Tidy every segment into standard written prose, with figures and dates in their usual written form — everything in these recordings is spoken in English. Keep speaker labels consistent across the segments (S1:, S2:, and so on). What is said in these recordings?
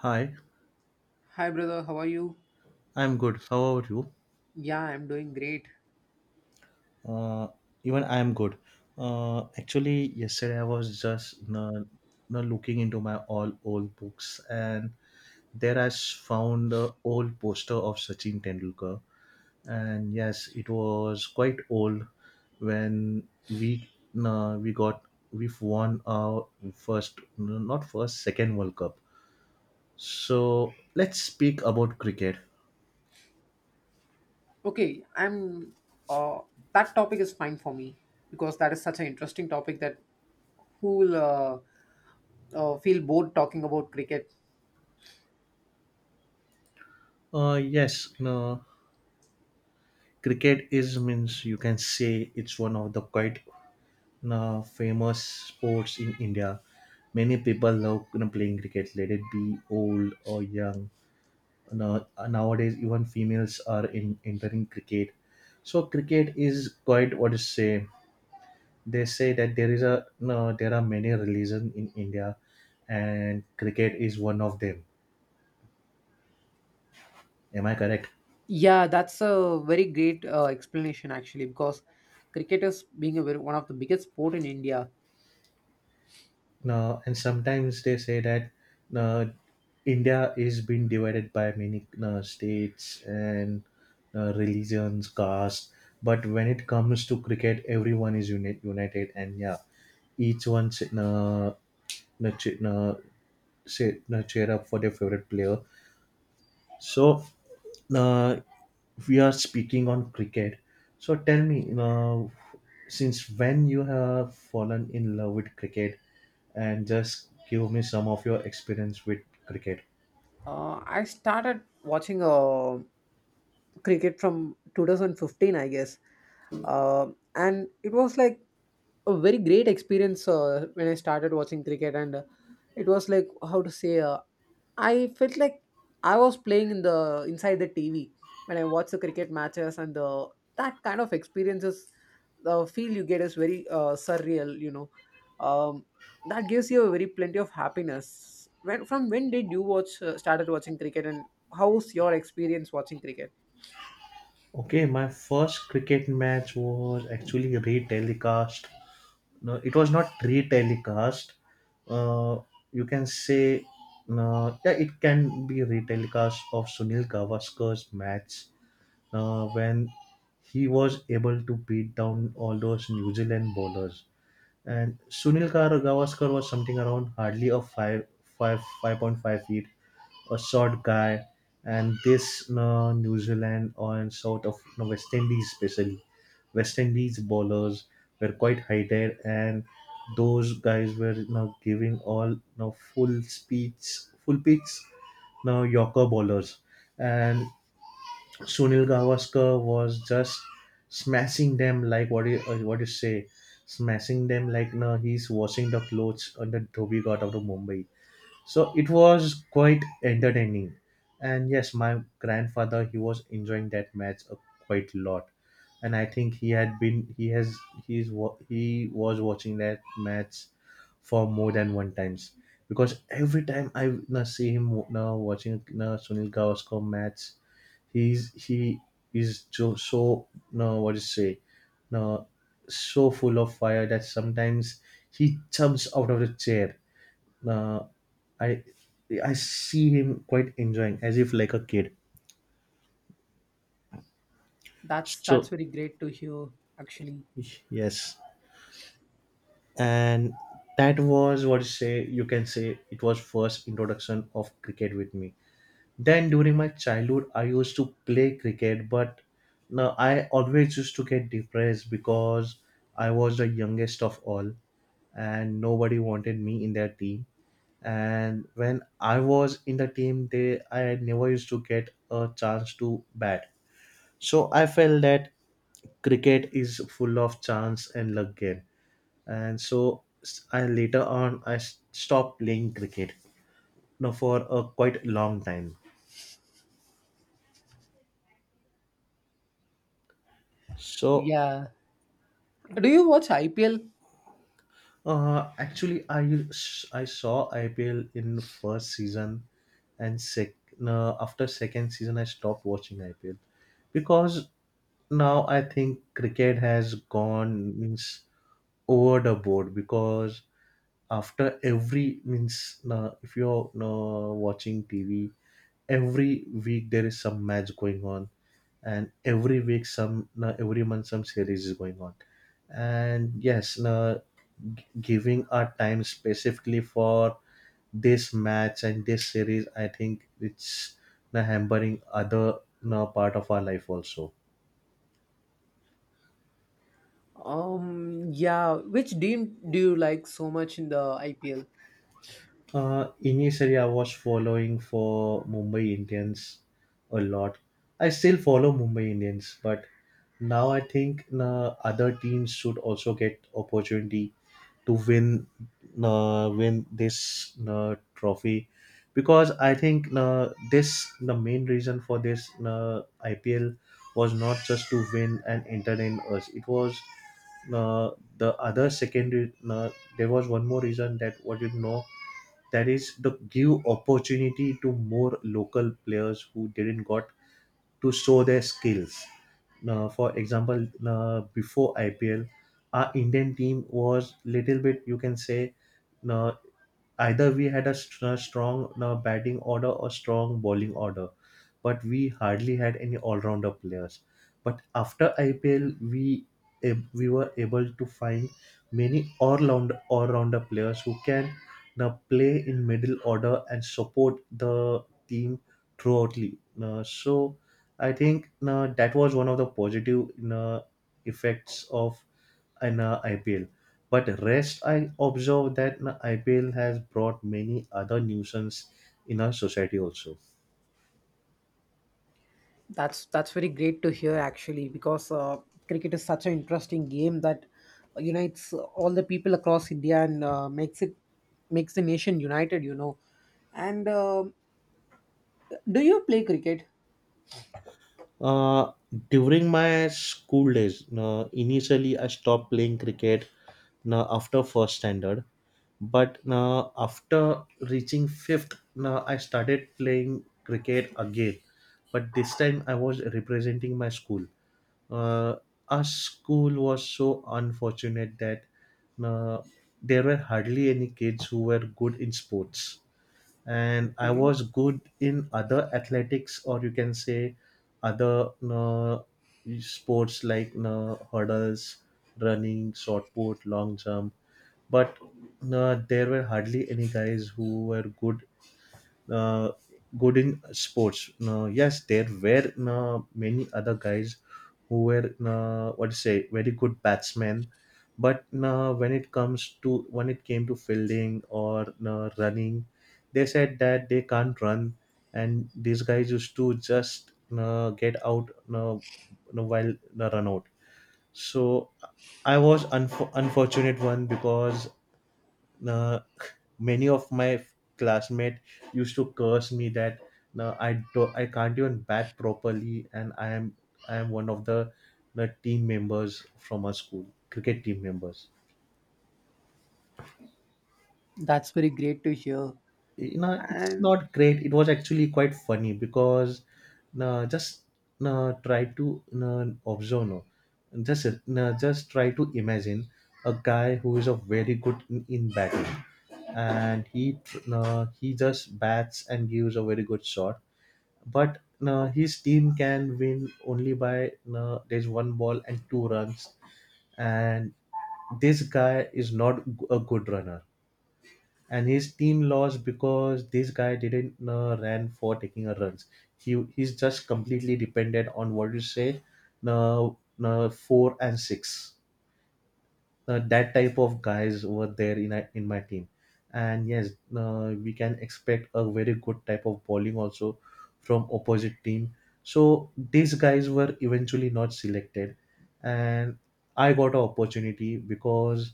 S1: Hi,
S2: Hi brother, how are you?
S1: I'm good. How about you?
S2: Yeah, I'm doing great.
S1: Uh, Even I'm good. Actually, yesterday I was just looking into my all old books, and there I found the old poster of Sachin Tendulkar. And yes, it was quite old when we got we've won our first, not first, second World Cup. So let's speak about cricket.
S2: Okay, I'm uh that topic is fine for me because that is such an interesting topic that who will feel bored talking about cricket.
S1: Yes, no. Cricket is, means, you can say it's one of the quite famous sports in India. Many people love playing cricket, let it be old or young. Now- Nowadays even females are in, entering cricket, so cricket is quite, what to say, they say that there is a, no, there are many religions in India, and cricket is one of them. Am I correct?
S2: Yeah, that's a very great explanation actually, because cricket is being one of the biggest sport in India.
S1: No, and sometimes they say that, no, India is being divided by many, no, states and, no, religions, caste. But when it comes to cricket, everyone is united, and yeah, each one, no, no, no, say, no, cheer up for their favorite player. So, uh, we are speaking on cricket. So, tell me, since when you have fallen in love with cricket, and just give me some of your experience with cricket.
S2: I started watching cricket from 2015, I guess, uh, and it was like a very great experience when I started watching cricket. And it was like how to say I felt like I was playing in the inside the TV when I watch the cricket matches, and the that kind of experiences, the feel you get is very surreal, you know. um, that gives you a very plenty of happiness. When from when did you watch started watching cricket, and how's your experience watching cricket?
S1: Okay, my first cricket match was actually retelecast. No, it was not retelecast. Uh, you can say, yeah, it can be retelecast of Sunil Gavaskar's match when he was able to beat down all those New Zealand bowlers. And Sunil Gavaskar was something around hardly a 5.5 feet, a short guy. And this New Zealand and South of, no, West Indies, especially West Indies bowlers, were quite heighted, and those guys were giving all full speeds, full pitch, Yorker bowlers. And Sunil Gavaskar was just smashing them like what you say, smashing them like, no, he's washing the clothes on the Dhobi God of the Mumbai. So it was quite entertaining, and yes, my grandfather, he was enjoying that match a quite lot, and I think he had been he has he's wa- he was watching that match for more than one times, because every time I see him watching Sunil Gavaskar match. He is, so, no, what to say, no, so full of fire that sometimes he jumps out of the chair. Uh, I I see him quite enjoying as if like a kid.
S2: That's
S1: So
S2: very great to hear, actually.
S1: yes, and that was, what you say, you can say it was first introduction of cricket with me. Then during my childhood, I used to play cricket, but now I always used to get depressed because I was the youngest of all and nobody wanted me in their team. And when I was in the team, they I never used to get a chance to bat. So I felt that cricket is full of chance and luck game. And so, I later on, I stopped playing cricket now for a quite long time. So,
S2: Yeah, do you watch IPL?
S1: Actually, I saw IPL in first season, and sec no, after second season I stopped watching IPL, because now I think cricket has gone, means, over the board, because after every, means, no, if you're, no, watching TV, every week there is some match going on, and every week some, no, every month some series is going on, and yes, no, giving our time specifically for this match and this series, I think it's, na, hampering other, na, part of our life also.
S2: Yeah. Which team do you like so much in the IPL?
S1: Initially, I was following for Mumbai Indians a lot. I still follow Mumbai Indians, but now I think, na, other teams should also get opportunity to win this trophy, because I think this the main reason for this IPL was not just to win and entertain us. It was, uh, the other secondary. There was one more reason that, what you know, that is the give opportunity to more local players who didn't got to show their skills. Now, for example, before IPL, our Indian team was little bit, you can say, uh, either we had a, a strong batting order or strong bowling order, but we hardly had any all-rounder players. But after IPL, we were able to find many all-rounder players who can now play in middle order and support the team throughout so I think that was one of the positive effects of an IPL. But rest, I observe that, na, IPL has brought many other nuisance in our society also.
S2: That's very great to hear, actually, because cricket is such an interesting game that unites all the people across India, and makes the nation united, you know. And do you play cricket?
S1: Uh, During my school days, na, initially I stopped playing cricket, na, after first standard. But na, after reaching fifth, na, I started playing cricket again. But this time I was representing my school. uh, our school was so unfortunate that, uh, there were hardly any kids who were good in sports, and I
S2: Okay.
S1: was good in other athletics, or you can say other sports like, hurdles, running, short put, long jump, but there were hardly any guys who were uh, good in sports. Now, yes, there were many other guys who were, what to say, very good batsmen, but when it comes to, when it came to fielding or running, they said that they can't run, and these guys used to just get out, while the run out. So I was unfortunate one because. Uh, Many of my classmates used to curse me that, no, I can't even bat properly, and I am one of the team members from our school cricket team members.
S2: That's very great to hear.
S1: You know, it's
S2: And
S1: not great, it was actually quite funny because, no, just, no, try to, no, observe, no, just, no, just try to imagine a guy who is a very good in batting, and he just bats and gives a very good shot, but his team can win only by, there's one ball and two runs, and this guy is not a good runner, and his team lost because this guy didn't ran for taking a runs. He's just completely dependent on, what you say, uh, four and six. That type of guys were there in a, in my team, and yes, we can expect a very good type of bowling also from opposite team, so these guys were eventually not selected, and I got an opportunity because,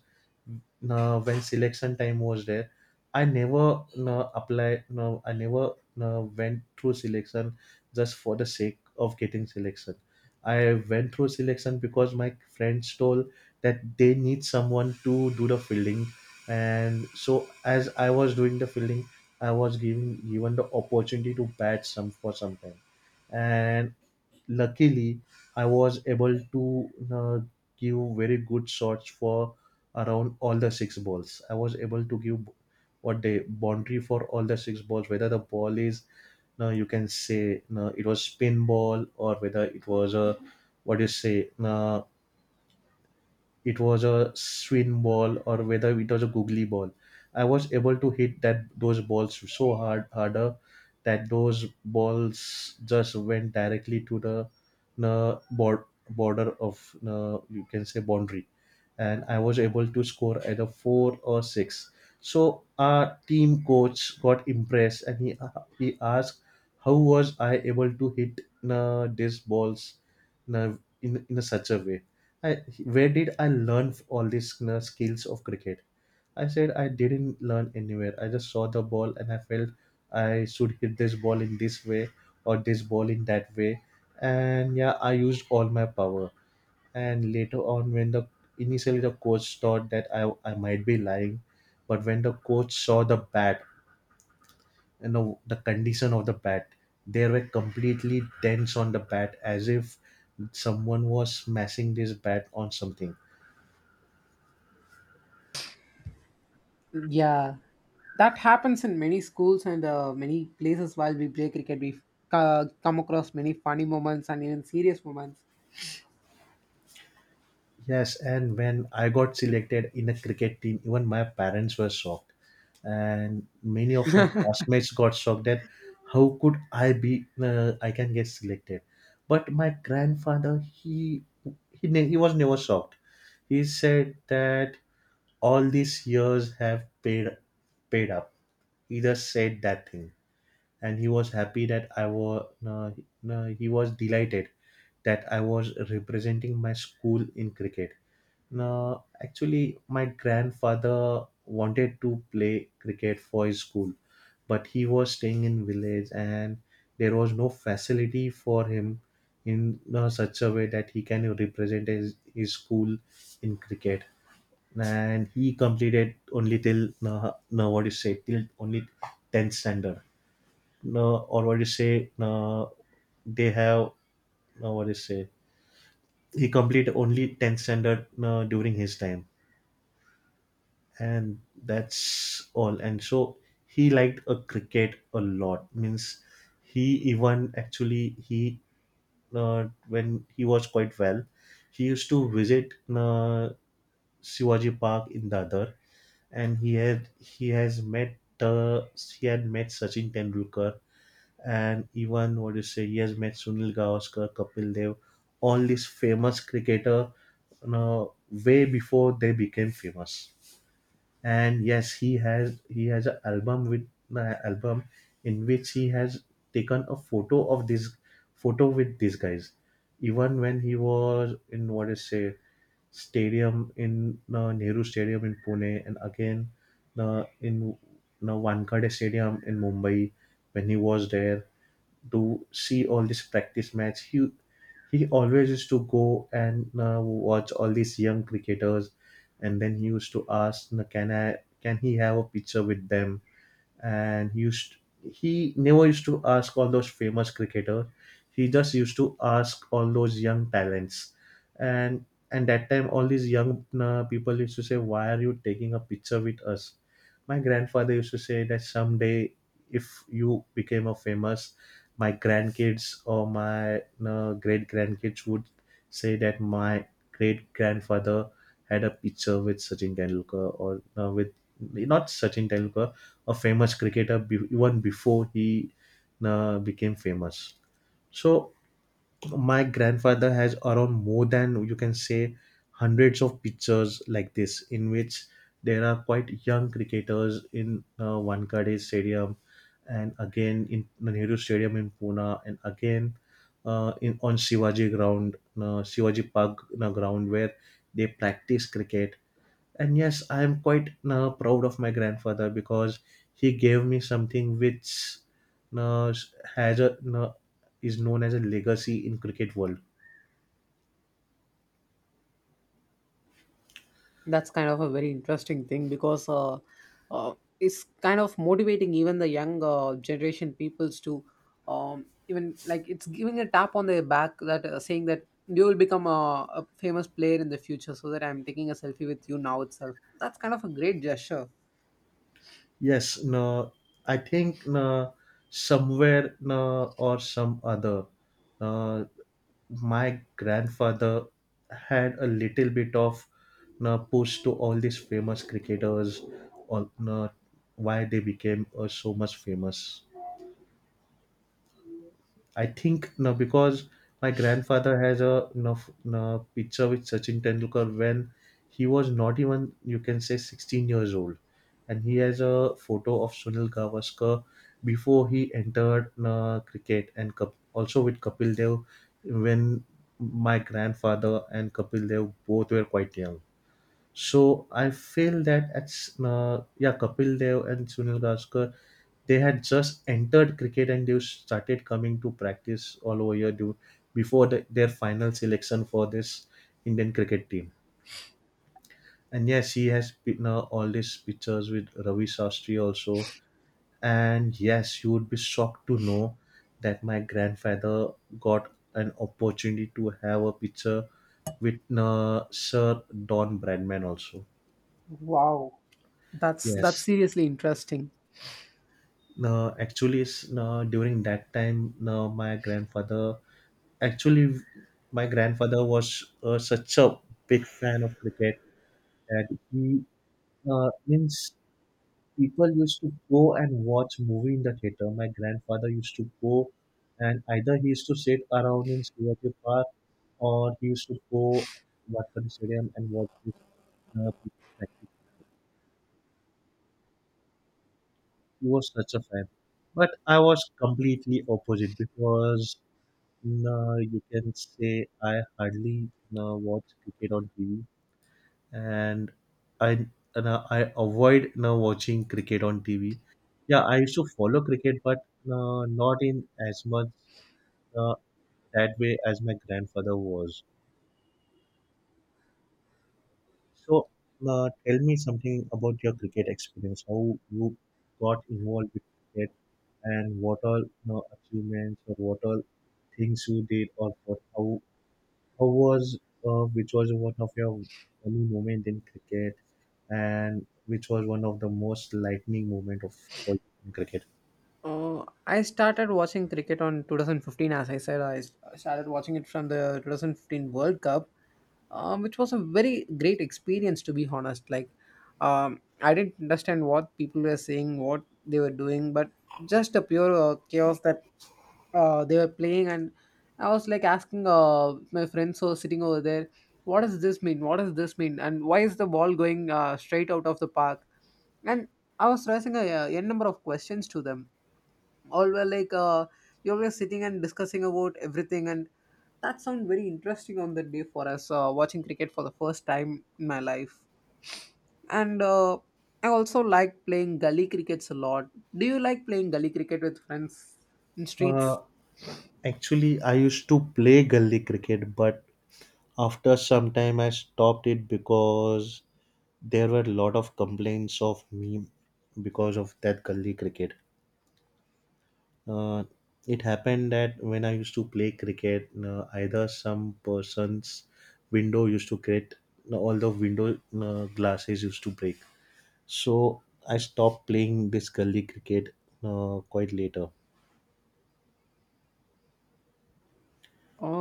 S1: when selection time was there, I never applied, no, I never went through selection just for the sake of getting selection. I went through selection because my friends told that they need someone to do the fielding. And so as I was doing the fielding, I was given the opportunity to bat some for some time. And luckily, I was able to give very good shots for around all the six balls. I was able to give, what they, boundary for all the six balls, whether the ball is, no, you can say, no, it was spin ball, or whether it was a, what do you say, no, it was a swing ball, or whether it was a googly ball. I was able to hit that those balls so harder, that those balls just went directly to the border of, you can say, boundary, and I was able to score either four or six. So our team coach got impressed, and he asked how was I able to hit these balls uh, in such a way. I, where did I learn all these skills of cricket? I said I didn't learn anywhere. I just saw the ball and I felt I should hit this ball in this way or this ball in that way. And yeah, I used all my power. And later on, when the initially the coach thought that I might be lying, but when the coach saw the bat, the condition of the bat, they were completely tense on the bat as if someone was smashing this bat on something.
S2: yeah, that happens in many schools and many places while we play cricket. We come across many funny moments and even serious moments.
S1: Yes, and when I got selected in a cricket team, even my parents were shocked. And many of my classmates got shocked that how could I can get selected. But my grandfather, he was never shocked. He said that all these years have paid up. He just said that thing. And he was happy that he was delighted that I was representing my school in cricket. No, actually, my grandfather wanted to play cricket for his school, but he was staying in village and there was no facility for him in such a way that he can represent his school in cricket. And he completed only till no, no what do you say till only tenth standard. No, or what do you say? No, they have no what do you say? He completed only tenth standard no, during his time, and that's all. And so he liked a cricket a lot. Means he even actually he When he was quite well, he used to visit Shivaji Park in Dadar. And he had he has met he had met Sachin Tendulkar, and even what you say he has met Sunil Gavaskar, Kapil Dev, all these famous cricketer uh, way before they became famous. And yes, he has an album, with album in which he has taken a photo of this photo with these guys, even when he was in what is say stadium in Nehru Stadium in Pune, and again in Wankhede Stadium in Mumbai, when he was there to see all this practice match. He always used to go and watch all these young cricketers, and then he used to ask, can I can he have a picture with them?" And he never used to ask all those famous cricketers. He just used to ask all those young talents. And that time all these young people used to say, "Why are you taking a picture with us?" My grandfather used to say that someday, if you became a famous, my grandkids or my great grandkids would say that my great grandfather had a picture with Sachin Tendulkar, or with not Sachin Tendulkar, a famous cricketer even before he became famous. So my grandfather has around more than you can say hundreds of pictures like this, in which there are quite young cricketers in Wankhede Stadium, and again in Nehru Stadium in Pune, and again in on Shivaji ground, Shivaji Park ground, where they practice cricket. And yes, I am quite now proud of my grandfather, because he gave me something which now now is known as a legacy in cricket world.
S2: That's kind of a very interesting thing because uh, it's kind of motivating even the young generation peoples to even, like, it's giving a tap on their back, that saying that you will become a famous player in the future, so that I'm taking a selfie with you now itself. That's kind of a great gesture.
S1: Yes, I think somewhere or some other, no, my grandfather had a little bit of no, push to all these famous cricketers, or no, why they became so much famous. I think no, because my grandfather has a picture with Sachin Tendulkar when he was not even you can say 16 years old. And he has a photo of Sunil Gavaskar before he entered cricket, and also with Kapil Dev, when my grandfather and Kapil Dev both were quite young. So I feel that yeah, Kapil Dev and Sunil Gavaskar, they had just entered cricket and they started coming to practice all over here due, before their final selection for this Indian cricket team. And yes, he has been all these pictures with Ravi Shastri also. And yes, you would be shocked to know that my grandfather got an opportunity to have a picture with Sir Don Bradman also.
S2: Wow. That's
S1: Yes.
S2: seriously interesting.
S1: No, actually, during that time, no, my grandfather, actually, my grandfather was such a big fan of cricket that he means people used to go and watch movie in the theater. My grandfather used to go, and either he used to sit around in Shivaji Park, or he used to go Watkhana Stadium and watch this people practice. He was such a fan, but I was completely opposite, because No, you can say I hardly no, watch cricket on TV, and I no, I avoid no, watching cricket on TV. Yeah, I used to follow cricket, but not in as much no, that way as my grandfather was. So, no, tell me something about your cricket experience. How you got involved with cricket, and what all no, achievements or what all things you did, or what how was which was one of your funny moment in cricket, and which was one of the most lightning moment of all in cricket?
S2: I started watching cricket on 2015, as I said. I started watching it from the 2015 World Cup, which was a very great experience, to be honest. Like, I didn't understand what people were saying, what they were doing, but just the pure chaos that they were playing. And I was like asking my friends who were sitting over there, what does this mean, what does this mean, and why is the ball going straight out of the park. And I was raising a n number of questions to them. All were like, you were sitting and discussing about everything, and that sounded very interesting on that day for us watching cricket for the first time in my life. And I also like playing gully crickets a lot. Do you like playing gully cricket with friends in
S1: Uh,
S2: streets?
S1: actually, I used to play gully cricket, but after some time, I stopped it, because there were a lot of complaints of me because of that gully cricket. Uh, it happened that when I used to play cricket, either some person's window used to get all the window glasses used to break. So I stopped playing this gully cricket quite later.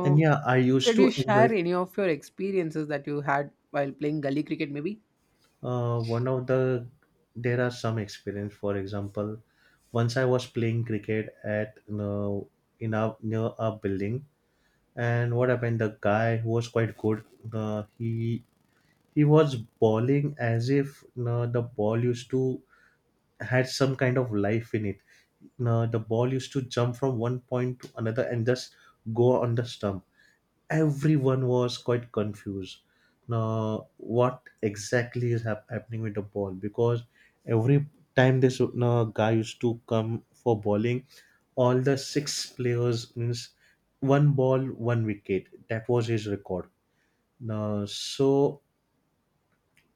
S1: And yeah, I used
S2: could
S1: to
S2: you
S1: enjoy.
S2: share any of your experiences that you had while playing gully cricket, maybe?
S1: One of the there are some experience. For example, once I was playing cricket at in our near our building, and what happened? The guy who was quite good. Uh, he He was bowling as if the ball used to had some kind of life in it. The ball used to jump from one point to another, and just go on the stump. Everyone was quite confused. Now, what exactly is happening with the ball? Because every time this guy used to come for bowling, all the six players, means one ball, one wicket. That was his record. Now, so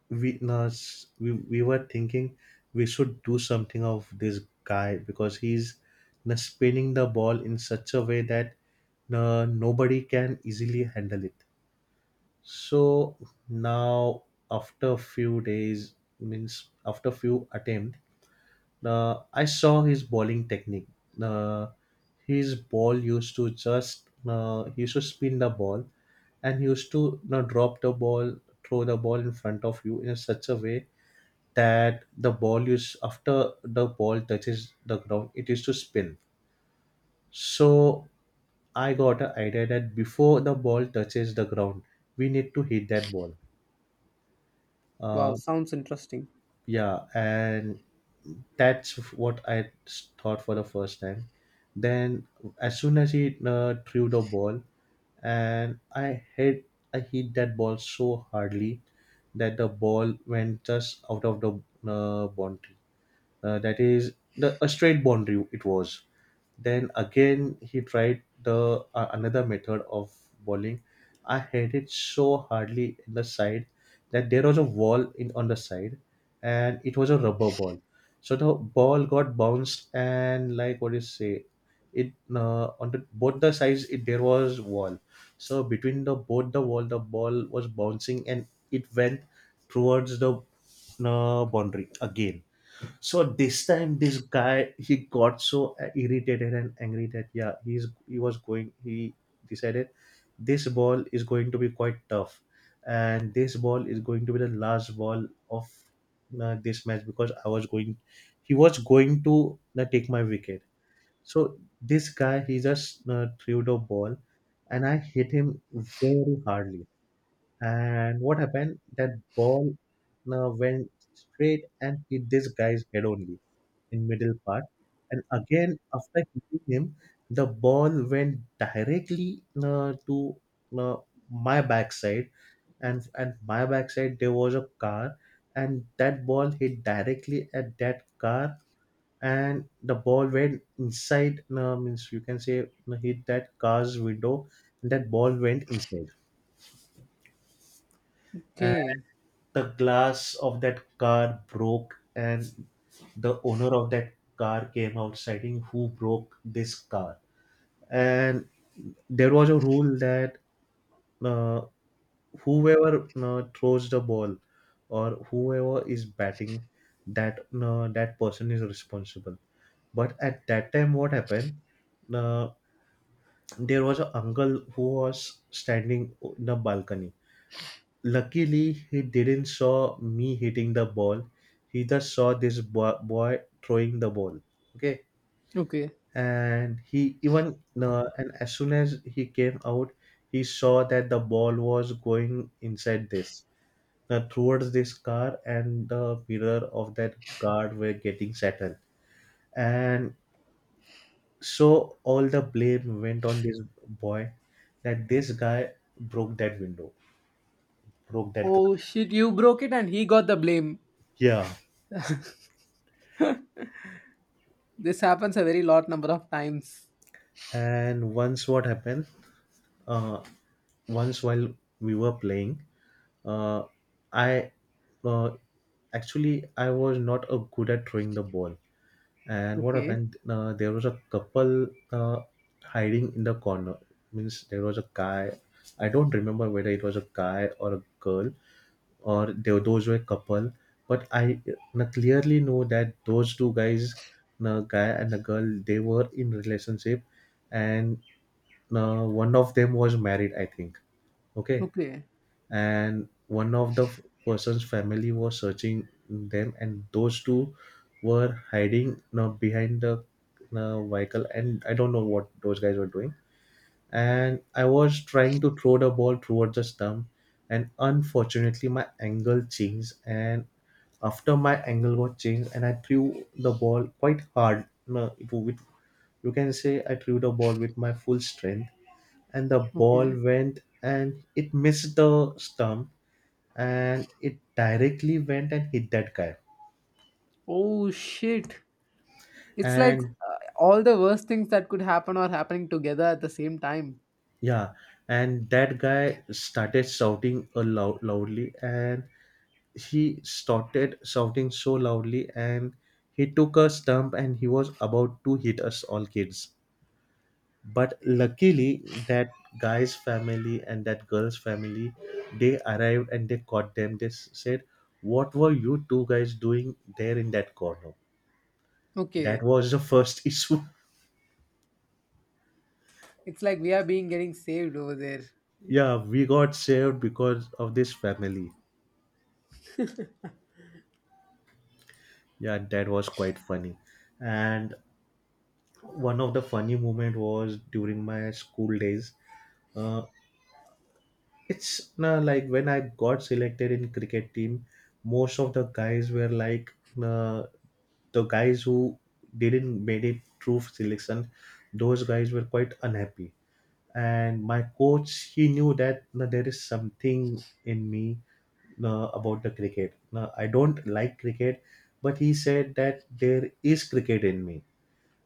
S1: we no, s- we were thinking we should do something of this guy, because he's no, spinning the ball in such a way that no, nobody can easily handle it. So now, after a few days, means after few attempt, I saw his bowling technique. Uh, his ball used to just he used to spin the ball, and he used to drop the ball, throw the ball in front of you in such a way that the ball used after the ball touches the ground, it used to spin. So I got an idea that before the ball touches the ground, we need to hit that ball.
S2: Wow,
S1: uh,
S2: sounds interesting.
S1: yeah. And that's what I thought for the first time. Then as soon as he threw the ball, and I hit that ball so hardly that the ball went just out of the boundary. That is the a straight boundary it was. Then again he tried the another method of bowling. I hit it so hardly in the side, that there was a wall in on the side, and it was a rubber ball. So the ball got bounced, and like what do you say, it on the both the sides it there was wall. So between the both the wall, the ball was bouncing and it went towards the boundary again. So this time, this guy he got so irritated and angry that yeah, he was going. He decided this ball is going to be quite tough, and this ball is going to be the last ball of this match, because I was going. He was going to take my wicket. So this guy he just threw the ball, and I hit him very hardly. And what happened? That ball went straight and hit this guy's head only in middle part. And again after hitting him, the ball went directly to uh, my backside, and at my backside there was a car, and that ball hit directly at that car, and the ball went inside. Means you can say hit that car's window, and that ball went inside.
S2: Okay.
S1: The glass of that car broke, and the owner of that car came out citing who broke this car. And there was a rule that uh, whoever throws the ball or whoever is batting, that that person is responsible. But at that time, what happened? uh, there was an uncle who was standing in the balcony. Luckily, he didn't saw me hitting the ball. He just saw this boy throwing the ball. Okay,
S2: Okay.
S1: and he even and as soon as he came out, he saw that the ball was going inside this towards this car, and the mirror of that car were getting shattered. And so all the blame went on this boy, that this guy broke that window, broke that
S2: Oh
S1: glass.
S2: shit, you broke it and he got the blame.
S1: Yeah.
S2: This happens a very lot number of times.
S1: And once what happened, uh, once while we were playing, uh, I uh, actually I was not a good at throwing the ball. And what
S2: Okay.
S1: happened, there was a couple uh, hiding in the corner. Means there was a guy, I don't remember whether it was a guy or a girl, or there, those were couple, but I clearly know that those two guys, the guy and the girl, they were in relationship. And one of them was married, I think. Okay.
S2: Okay.
S1: And one of the person's family was searching them, and those two were hiding now behind the vehicle, and I don't know what those guys were doing. And I was trying to throw the ball towards the stump, and unfortunately my angle changed. And after my angle got changed, and I threw the ball quite hard, no, it, with, you can say I threw the ball with my full strength. And the ball
S2: Okay.
S1: went and it missed the stump, and it directly went and hit that guy.
S2: Oh shit. It's like
S1: And
S2: all the worst things that could happen are happening together at the same time.
S1: yeah, and that guy started shouting loudly, and he started shouting so loudly. And he took a stump and he was about to hit us all kids, but luckily that guy's family and that girl's family, they arrived and they caught them. They said, what were you two guys doing there in that corner? That
S2: Okay.
S1: was the first issue.
S2: It's like we are being getting saved over there.
S1: Yeah, we got saved because of this family. Yeah, that was quite funny. And one of the funny moment was during my school days. Uh, it's like when I got selected in cricket team, most of the guys were like, uh, the guys who didn't made it through selection, those guys were quite unhappy. And my coach, he knew that there is something in me about the cricket. I don't like cricket, but he said that there is cricket in me.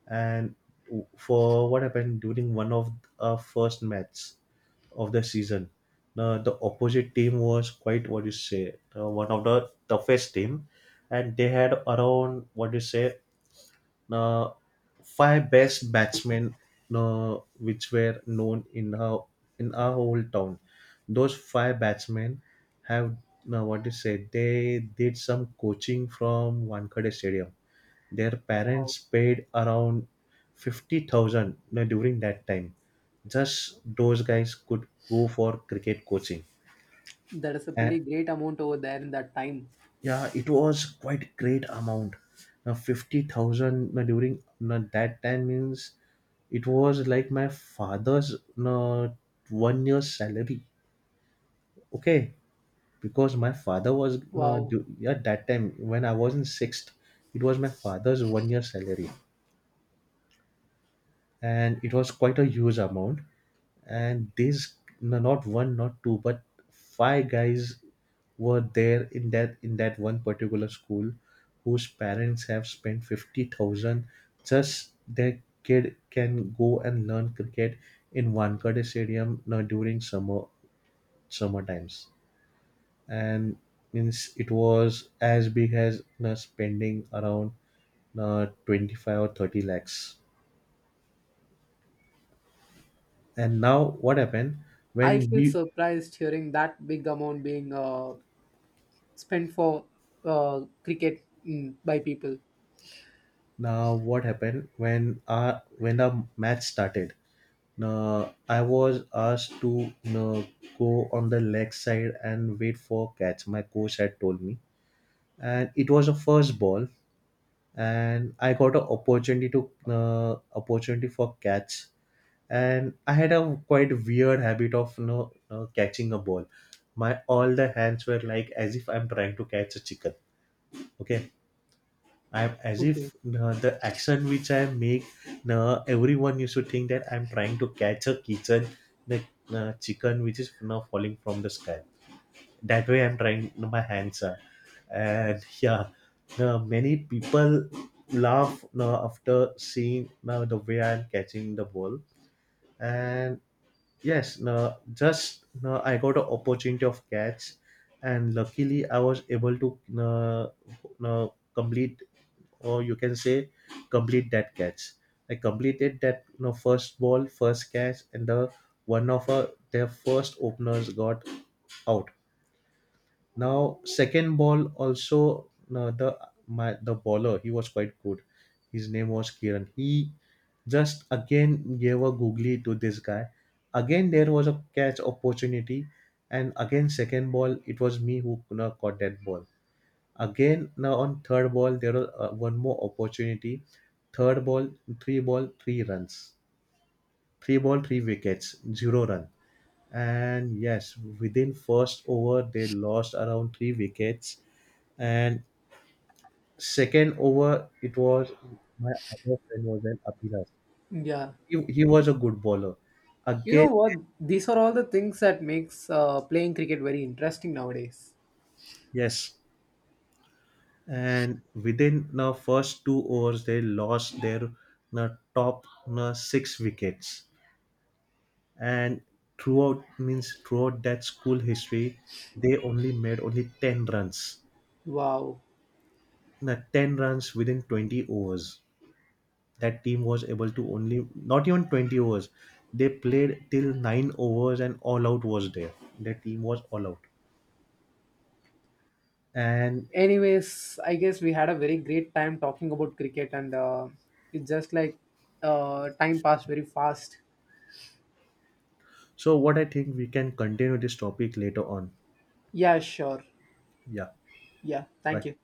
S1: And for what happened during one of our first match of the season, the opposite team was quite, what you say, one of the toughest team. And they had around, what you say, uh, five best batsmen, which were known in our whole town. Those five batsmen have, now what you say, they did some coaching from Wankhede stadium. Their parents
S2: Wow.
S1: paid around 50,000 during that time. Just those guys could go for cricket coaching.
S2: That is a
S1: And
S2: pretty great amount over there in that time.
S1: yeah, it was quite great amount. Now, 50,000 you during you that time, means it was like my father's you one year's salary. Okay, because my father was, you know,
S2: Wow.
S1: yeah, that time when I was in sixth, it was my father's one year salary, and it was quite a huge amount. And these, no, not one not two, but five guys were there in that one particular school whose parents have spent 50,000 just their kid can go and learn cricket in Wankhede stadium now during summer times. And means it was as big as now spending around, now, 25 or 30 lakhs. And now what happened
S2: I
S1: when
S2: feel
S1: we.
S2: surprised hearing that big amount being spent for cricket, by people.
S1: Now, what happened when, when the match started? Now, I was asked to, go on the leg side and wait for catch. My coach had told me, and it was a first ball, and I got an opportunity to, opportunity for catch. And I had a quite weird habit of, you know, catching a ball. My all the hands were like as if I'm trying to catch a chicken. Okay, I'm as if,
S2: Okay.
S1: the action which I make, everyone used to think that I'm trying to catch a kitchen, the chicken which is now falling from the sky. That way, I'm trying my hands are, and yeah, many people laugh after seeing the way I'm catching the ball. And yes, no just no I got an opportunity of catch, and luckily I was able to, no, no complete, or you can say complete that catch. I completed that, you know, first ball, first catch, and the one of their first openers got out. Now second ball also, no, the my the bowler, he was quite good. His name was Kiran. He just again gave a googly to this guy. Again there was a catch opportunity, and again second ball it was me who, you know, caught that ball. Again, now on third ball, there are one more opportunity. Third ball, three runs. Three ball, three wickets, zero run. And yes, within first over, they lost around 3 wickets. And second over, it was, my other friend was an Abhilas.
S2: Yeah.
S1: He was a good bowler.
S2: You
S1: Again,
S2: know what? These are all the things that makes playing cricket very interesting nowadays.
S1: yes. And within now first 2 overs, they lost their uh, top 6 wickets. And throughout, means throughout that school history, they only made only 10 runs.
S2: Wow.
S1: Now 10 runs within 20 overs, that team was able to, only not even 20 overs, they played till 9 overs and all out was there. Their team was all out. And
S2: Anyways, I guess we had a very great time talking about cricket, and it's just like time passed very fast.
S1: so, what I think, we can continue this topic later on.
S2: Yeah, sure.
S1: Yeah,
S2: Yeah, thank
S1: bye.
S2: you.